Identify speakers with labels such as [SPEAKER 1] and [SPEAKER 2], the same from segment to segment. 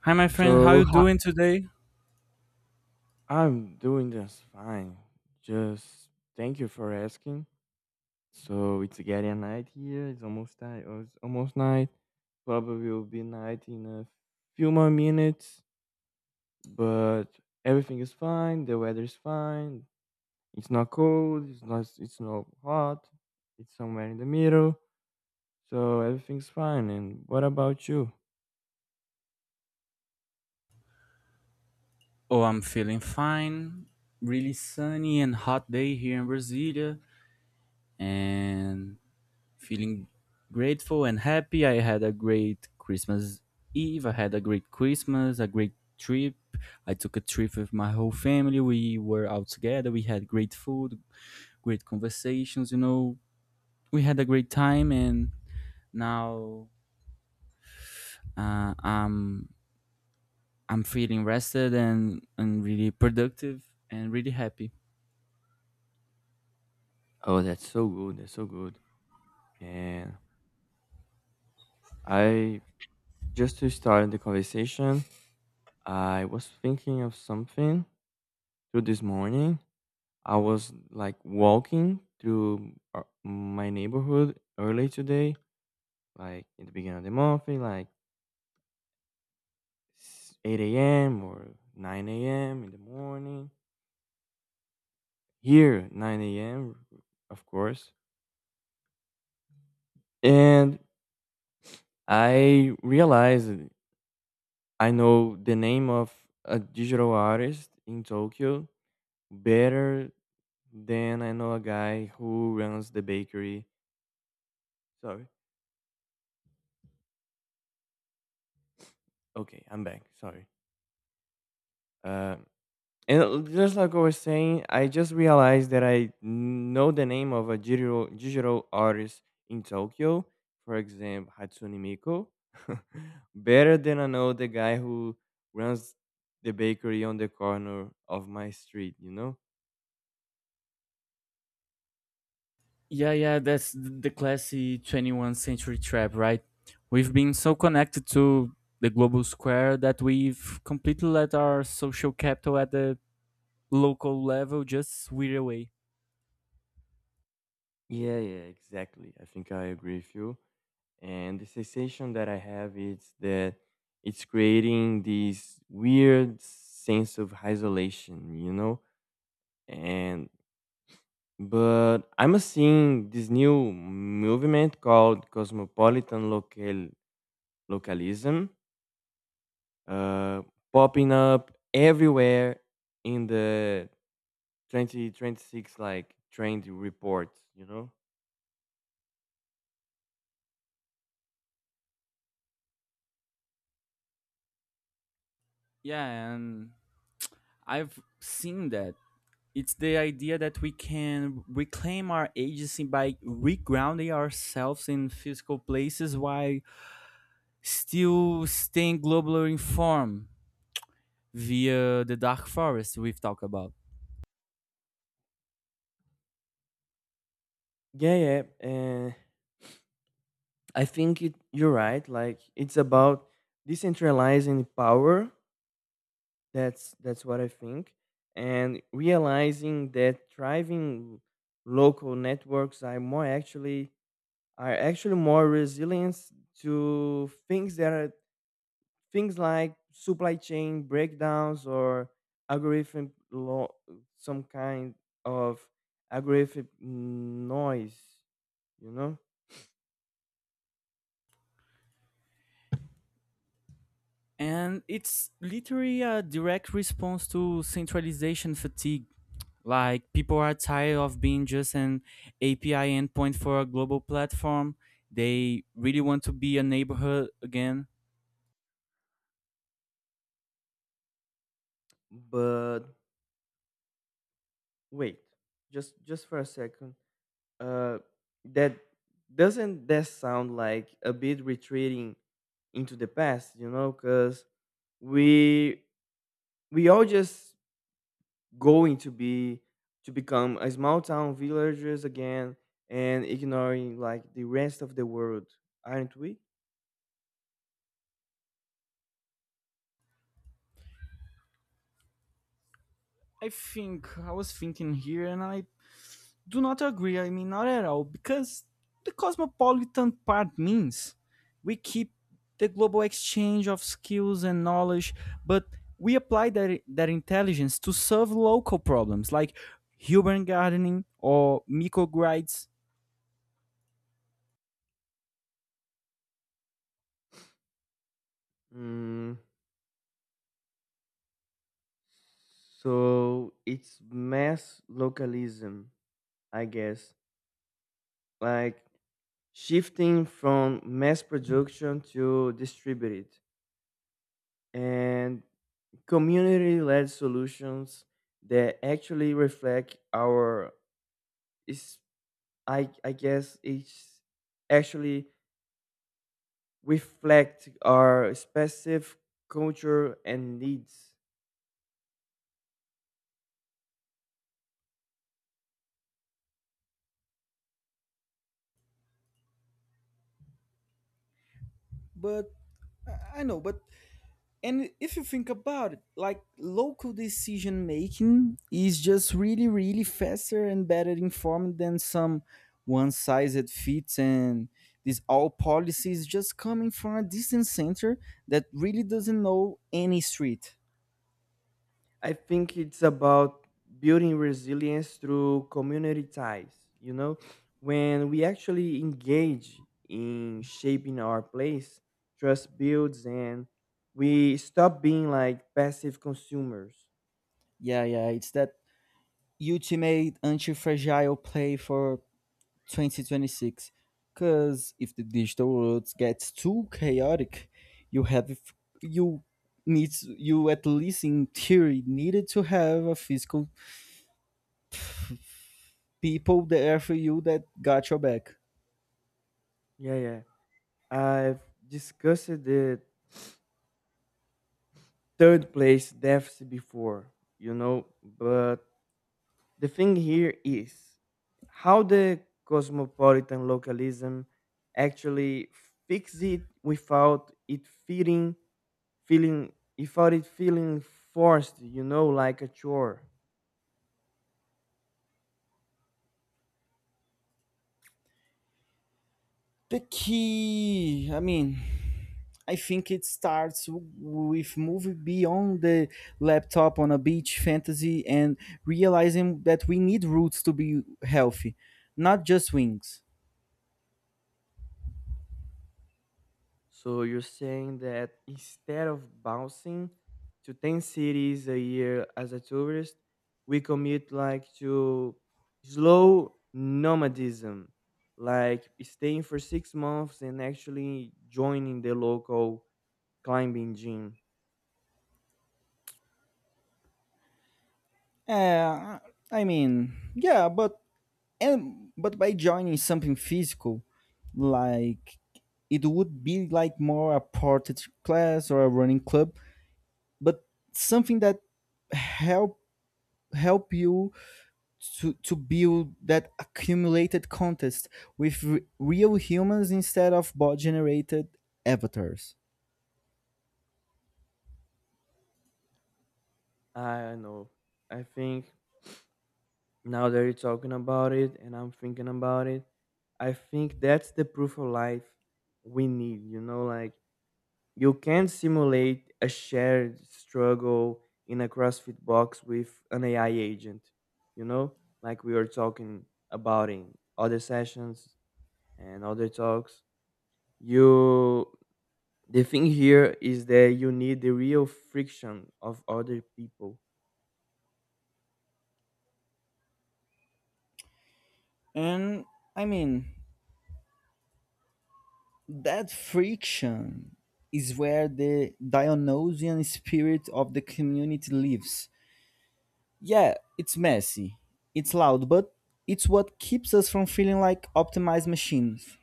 [SPEAKER 1] Hi, my friend. How
[SPEAKER 2] So
[SPEAKER 1] you
[SPEAKER 2] ho
[SPEAKER 1] doing today?
[SPEAKER 2] I'm doing just fine. Just Thank you for asking. So it's getting night here. It's almost night. Oh, It's almost night. Probably will be night in a few more minutes. But everything is fine. The weather is fine. It's not cold. It's not hot. It's somewhere in the middle. So everything's fine. And what about you?
[SPEAKER 1] Oh, I'm feeling fine. Really sunny and hot day here in Brasilia, and feeling grateful and happy. I had a great Christmas Eve. I had a great Christmas, a great trip. I took a trip with my whole family. We were out together. We had great food, great conversations. We had a great time, and now uh, I'm I'm feeling rested and really productive and really happy.
[SPEAKER 2] Oh, that's so good. That's so good. And I just to start the conversation, I was thinking of something through this morning. I was like walking through my neighborhood early today, like in the beginning of the month, in, like 8 a.m. or 9 a.m. in the morning. Here, 9 a.m., of course. And I realized I know the name of a digital artist in Tokyo better than I know a guy who runs the bakery. Sorry. Okay, I'm back. Sorry. Uh, and just like I was saying, I just realized that I know the name of a digital artist in Tokyo, for example, Hatsune Miku, better than I know the guy who runs the bakery on the corner of my street, you know?
[SPEAKER 1] Yeah, yeah, that's the classy 21st century trap, right? We've been so connected to the global square that we've completely let our social capital at the local level just wear away.
[SPEAKER 2] Yeah, yeah, exactly. I think I agree with you. And the sensation that I have is that it's creating this weird sense of isolation, you know? And but I'm seeing this new movement called cosmopolitan localism uh, popping up everywhere in the 2026 like trend reports, you know.
[SPEAKER 1] Yeah, and I've seen that. It's the idea that we can reclaim our agency by regrounding ourselves in physical places while still staying globally informed, via The Dark Forest we've talked about.
[SPEAKER 2] Yeah, yeah, and I think you're right. Like it's about decentralizing power. That's what I think, and realizing that thriving local networks are more actually are actually more resilient to things that are things like supply chain breakdowns or algorithm law, some kind of algorithm noise, you know.
[SPEAKER 1] And it's literally a direct response to centralization fatigue. Like, people are tired of being just an API endpoint for a global platform. They really want to be a neighborhood again.
[SPEAKER 2] But wait, just for a second, uh, that doesn't that sound like a bit retreating into the past, you know, because we we all just going to be to become a small town villagers again and ignoring like the rest of the world, aren't we?
[SPEAKER 1] I think I was thinking here, and I do not agree. I mean, not at all, because the cosmopolitan part means we keep the global exchange of skills and knowledge, but we apply that intelligence to solve local problems like urban gardening or microgrids.
[SPEAKER 2] Mm, so it's mass localism, I guess, like shifting from mass production to distributed and community-led solutions that actually is i i guess it's actually reflect our specific culture and needs.
[SPEAKER 1] But I know, but and if you think about it, like local decision making is just really, really faster and better informed than some one size that fits, and these all policies just coming from a distant center that really doesn't know any street.
[SPEAKER 2] I think it's about building resilience through community ties. You know, when we actually engage in shaping our place, trust builds and we stop being like passive consumers.
[SPEAKER 1] Yeah, yeah, it's that ultimate anti-fragile play for 2026, because if the digital world gets too chaotic, you have, if you need, you at least in theory needed to have a physical people there for you that got your back.
[SPEAKER 2] Yeah, yeah. I've discussed the third place deficit before, you know, but the thing here is how the cosmopolitan localism actually fixes it feeling without it feeling forced, you know, like a chore.
[SPEAKER 1] The key, I mean, I think it starts with moving beyond the laptop on a beach fantasy and realizing that we need roots to be healthy, not just wings.
[SPEAKER 2] So you're saying that instead of bouncing to 10 cities a year as a tourist, we commit like to slow nomadism, like staying for 6 months and actually joining the local climbing gym.
[SPEAKER 1] Yeah, I mean, yeah, but and but by joining something physical, like it would be like more a portage class or a running club, but something that help help you to build that accumulated contest with real humans instead of bot generated avatars.
[SPEAKER 2] I don't know. I think now that you're talking about it and I'm thinking about it, I think that's the proof of life we need. You know, like you can simulate a shared struggle in a CrossFit box with an AI agent, you know, like we were talking about in other sessions and other talks. You, the thing here is that you need the real friction of other people.
[SPEAKER 1] And I mean, that friction is where the Dionysian spirit of the community lives. Yeah, it's messy, it's loud, but it's what keeps us from feeling like optimized machines.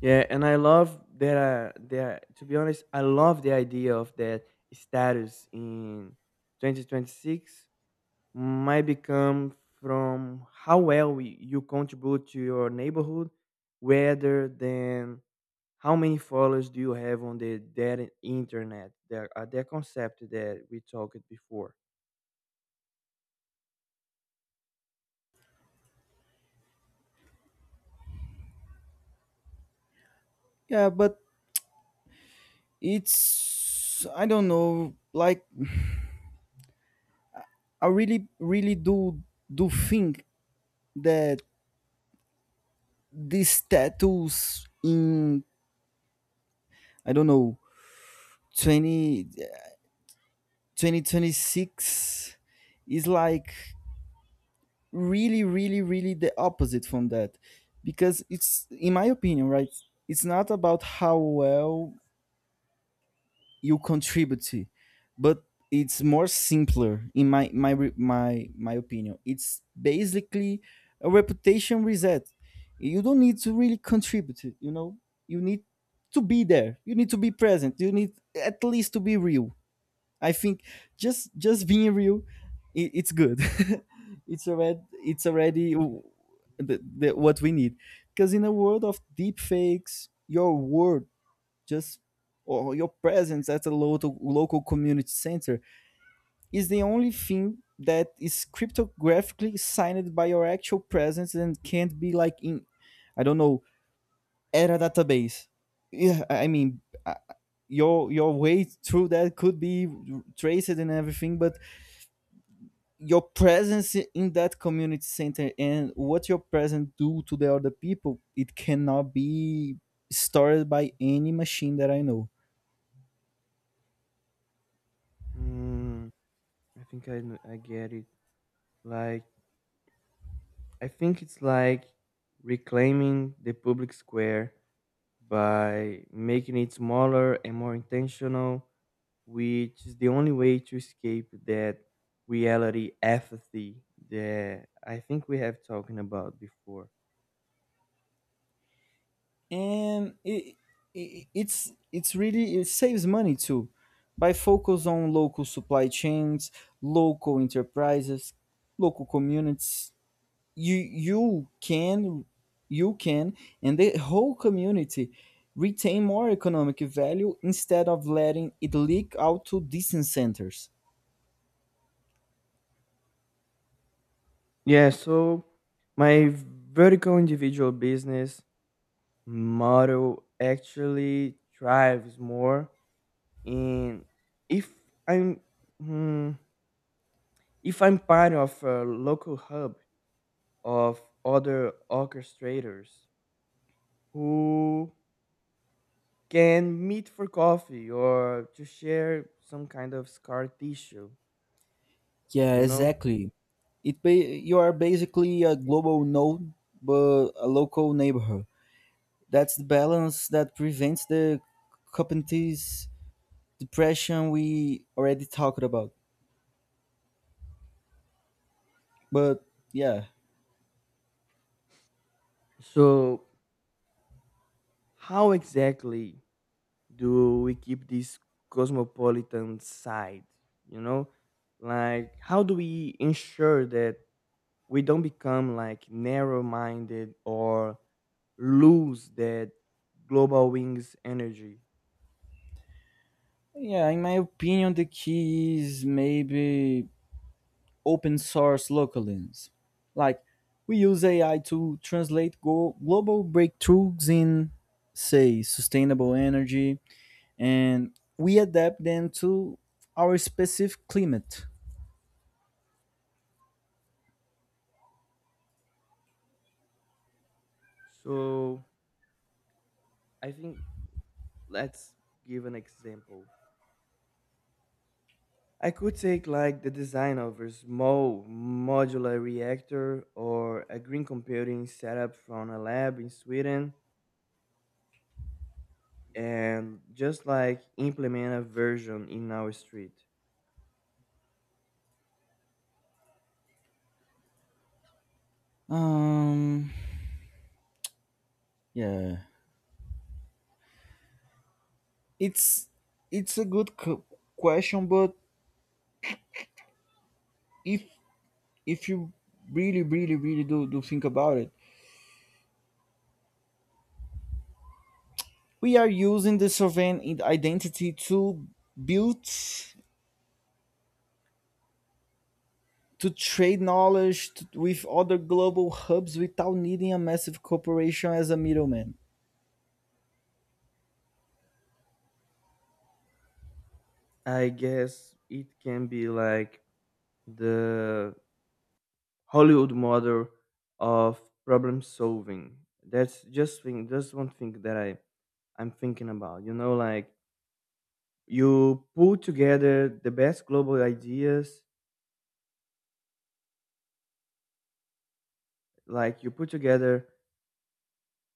[SPEAKER 2] Yeah, and I love that. That, to be honest, I love the idea of that status in 2026 might become from how well you contribute to your neighborhood, rather than how many followers do you have on the that internet. That concept that we talked before.
[SPEAKER 1] Yeah, but it's I don't know, like I really really do think that these tattoos in I don't know 20 2026 is like really really really the opposite from that, because it's in my opinion, right, it's not about how well you contribute to, but it's more simpler in my my opinion, it's basically a reputation reset. You don't need to really contribute, you know, you need to be there, you need to be present, you need at least to be real. I think, just being real, it's good. It's already what we need. Because in a world of deep fakes, your word, just or your presence at a local community center, is the only thing that is cryptographically signed by your actual presence and can't be like in, I don't know, era database. Yeah, I mean. Your way through that could be traced and everything, but your presence in that community center and what your presence do to the other people, it cannot be stored by any machine that I know.
[SPEAKER 2] Mm, I think I get it. Like I think it's like reclaiming the public square by making it smaller and more intentional, which is the only way to escape that reality apathy that I think we have talking about before.
[SPEAKER 1] And it's really, it saves money too, by focus on local supply chains, local enterprises, local communities. You can, you can, and the whole community retain more economic value instead of letting it leak out to distance centers.
[SPEAKER 2] Yeah, so my vertical individual business model actually thrives more in if I'm hmm, if I'm part of a local hub of other orchestrators who can meet for coffee or to share some kind of scar tissue,
[SPEAKER 1] Yeah,
[SPEAKER 2] you know?
[SPEAKER 1] exactly. It you are basically a global node but a local neighborhood. That's the balance that prevents the competencies depression we already talked about, but yeah.
[SPEAKER 2] So, how exactly do we keep this cosmopolitan side, you know? Like, how do we ensure that we don't become like narrow minded or lose that global wings energy?
[SPEAKER 1] Yeah, in my opinion the key is maybe open source localins. Like, we use AI to translate global breakthroughs in, say, sustainable energy, and we adapt them to our specific climate.
[SPEAKER 2] So, I think let's give an example. I could take like the design of a small modular reactor or a green computing setup from a lab in Sweden and just like implement a version in our street.
[SPEAKER 1] Um, yeah, it's it's a good question, but if if you really, really, really do think about it, we are using the sovereign identity to build, to trade knowledge t with other global hubs without needing a massive corporation as a middleman.
[SPEAKER 2] I guess it can be like the Hollywood model of problem solving. That's just thing that's one thing that I'm thinking about. You know, like you pull together the best global ideas, like you put together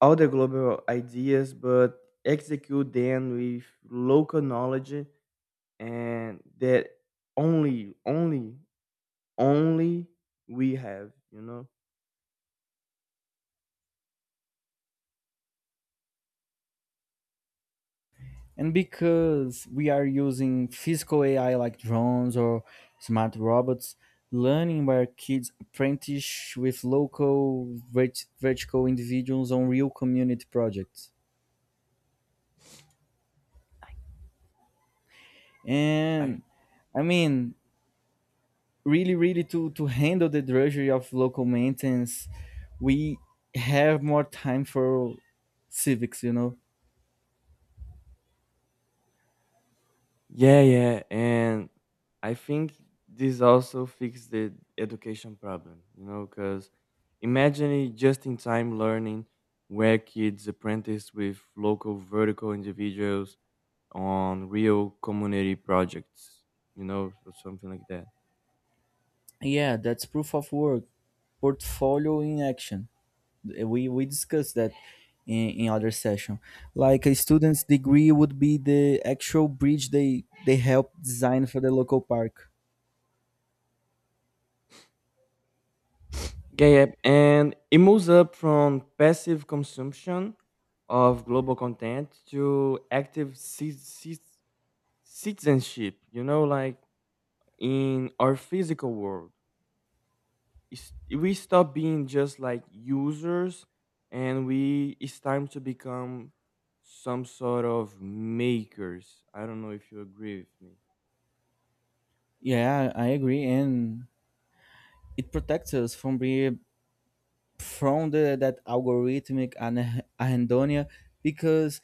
[SPEAKER 2] all the global ideas, but execute them with local knowledge, and that only, only, only we have, you know.
[SPEAKER 1] And because we are using physical AI like drones or smart robots, learning where kids apprentice with local vertical individuals on real community projects.
[SPEAKER 2] I I
[SPEAKER 1] And I mean, really, really to handle the drudgery of local maintenance, we have more time for civics, you know?
[SPEAKER 2] Yeah, yeah, and I think this also fixed the education problem. You know, because imagine it just in time learning where kids apprentice with local vertical individuals on real community projects. You know, or something like that.
[SPEAKER 1] Yeah, that's proof of work, portfolio in action. We discussed that in other session. Like, a student's degree would be the actual bridge they help design for the local park.
[SPEAKER 2] Yeah, yeah. And it moves up from passive consumption of global content to active citizenship, you know, like in our physical world. We stop being just like users and we it's time to become some sort of makers. I don't know if you agree with me.
[SPEAKER 1] Yeah, I agree, and it protects us from being, from the that algorithmic and anhedonia, because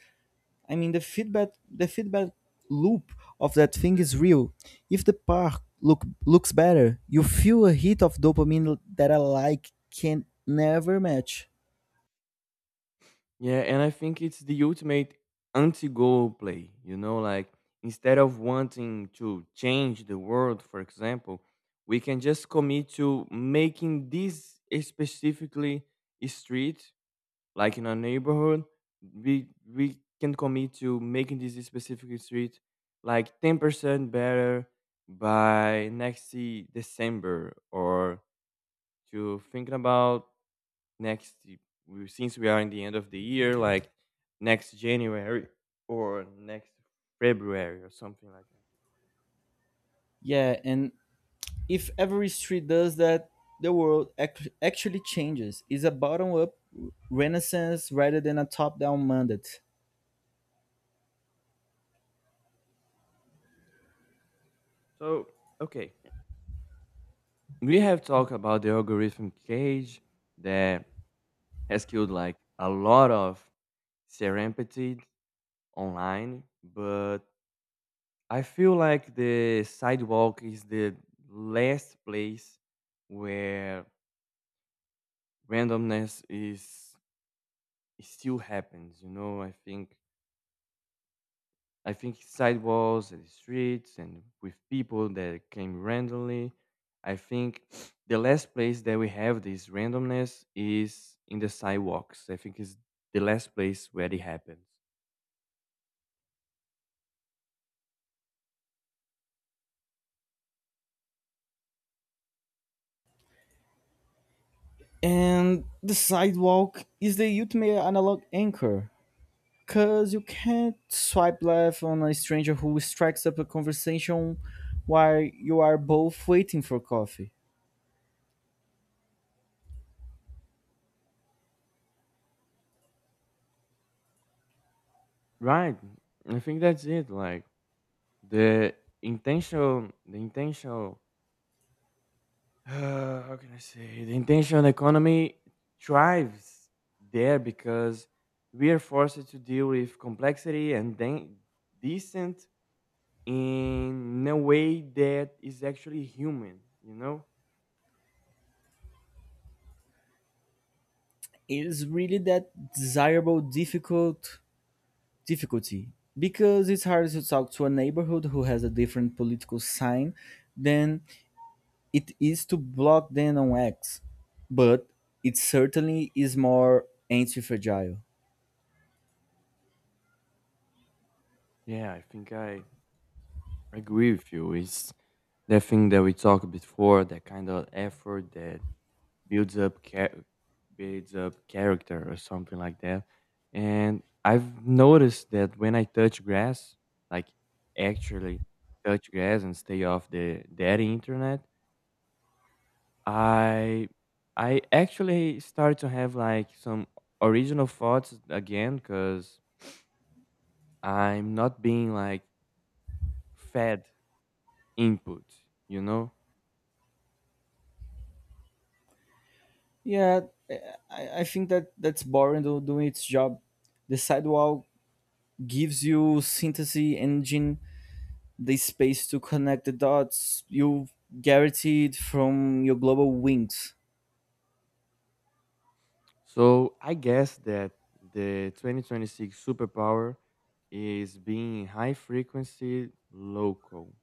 [SPEAKER 1] I mean, the feedback loop of that thing is real. If the park looks better, you feel a hit of dopamine that a like can never match.
[SPEAKER 2] Yeah, and I think it's the ultimate anti-goal play. You know, like instead of wanting to change the world, for example, we can just commit to making this specifically a street, like in a neighborhood. We can commit to making this specific street like 10% better by December, or to thinking about next we since we are in the end of the year, like next January or next February or something like that.
[SPEAKER 1] Yeah, and if every street does that, the world actually changes. It's a bottom up renaissance rather than a top down mandate.
[SPEAKER 2] So, okay, we have talked about the algorithm cage that has killed like a lot of serendipity online, but I feel like the sidewalk is the last place where randomness is it still happens. You know, I think sidewalks and streets and with people that came randomly. I think the last place that we have this randomness is in the sidewalks. I think it's the last place where it happens.
[SPEAKER 1] And the sidewalk is the ultimate analog anchor. Because you can't swipe left on a stranger who strikes up a conversation while you are both waiting for coffee.
[SPEAKER 2] Right. I think that's it. Like the the intentional, how can I say? The intentional economy thrives there because we are forced to deal with complexity and then decent in a way that is actually human, you know?
[SPEAKER 1] It's really that desirable difficult difficulty. Because it's hard to talk to a neighborhood who has a different political sign than it is to block them on X. But it certainly is more anti-fragile.
[SPEAKER 2] Yeah, I think I agree with you. It's that thing that we talked before, that kind of effort that builds up cha- builds up character or something like that. And I've noticed that when I touch grass, like actually touch grass and stay off the daddy internet, I I actually start to have like some original thoughts again because I'm not being like fed input, you know?
[SPEAKER 1] Yeah, I think that that's boring doing its job. The sidewalk gives you Synthesis Engine the space to connect the dots. You guaranteed from your global wings.
[SPEAKER 2] So I guess that the 2026 superpower is being high frequency local.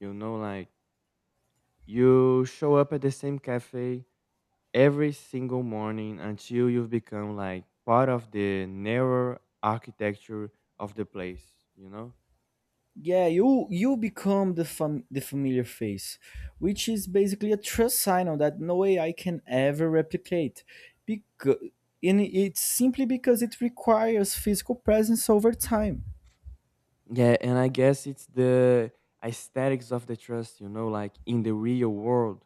[SPEAKER 2] You know, like you show up at the same cafe every single morning until you've become like part of the narrow architecture of the place, you know?
[SPEAKER 1] Yeah, you become the the familiar face, which is basically a trust signal that no AI can ever replicate. Because, and it's simply because, it requires physical presence over time.
[SPEAKER 2] Yeah, and I guess it's the aesthetics of the trust, you know, like in the real world,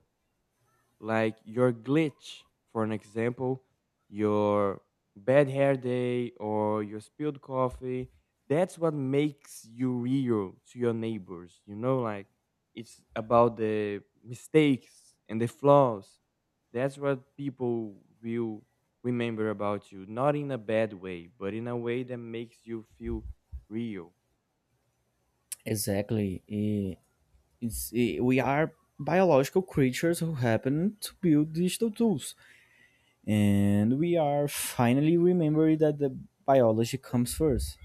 [SPEAKER 2] like your glitch, for an example, your bad hair day or your spilled coffee, that's what makes you real to your neighbors, you know, like it's about the mistakes and the flaws, that's what people will remember about you, not in a bad way but in a way that makes you feel real.
[SPEAKER 1] Exactly. We are biological creatures who happen to build digital tools, and we are finally remembering that the biology comes first.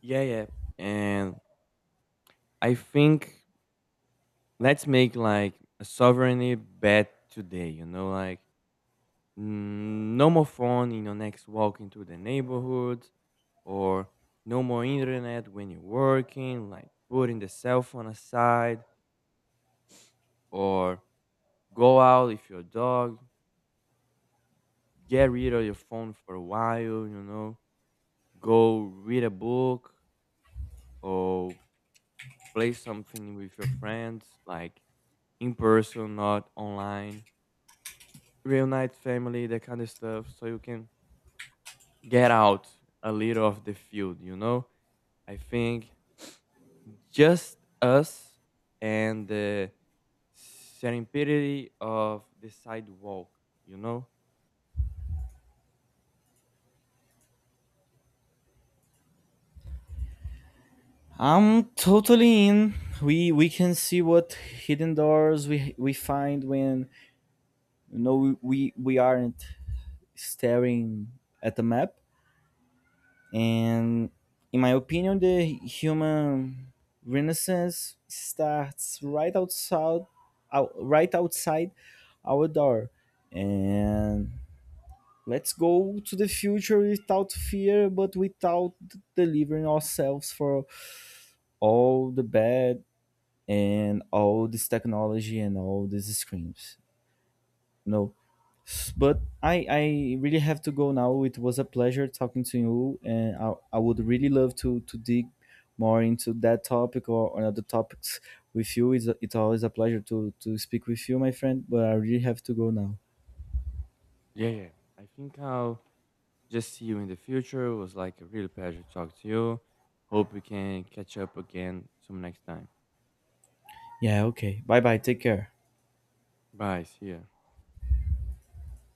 [SPEAKER 2] Yeah, yeah, and I think let's make like a sovereignty bet today, you know, like mm, no more phone in your next walk into the neighborhood, or no more internet when you're working, like putting the cell phone aside, or go out if you're a dog, get rid of your phone for a while, you know, go read a book, or play something with your friends, like in person not online, reunite family, that kind of stuff, so you can get out a little of the field, you know? I think just us and the serendipity of the sidewalk, you know?
[SPEAKER 1] I'm totally in. We can see what hidden doors we find when, you know, we aren't staring at the map. And in my opinion, the human renaissance starts right outside, right outside our door. And let's go to the future without fear, but without delivering ourselves for all the bad and all this technology and all these screens. No, but I really have to go now. It was a pleasure talking to you, and I would really love to dig more into that topic, or other topics with you. It's, it's always a pleasure to speak with you, my friend. But I really have to go now.
[SPEAKER 2] Yeah, yeah. I think I'll just see you in the future. It was like a real pleasure to talk to you. Hope we can catch up again some next time.
[SPEAKER 1] Yeah. Okay. Bye bye. Take care.
[SPEAKER 2] Bye. See ya.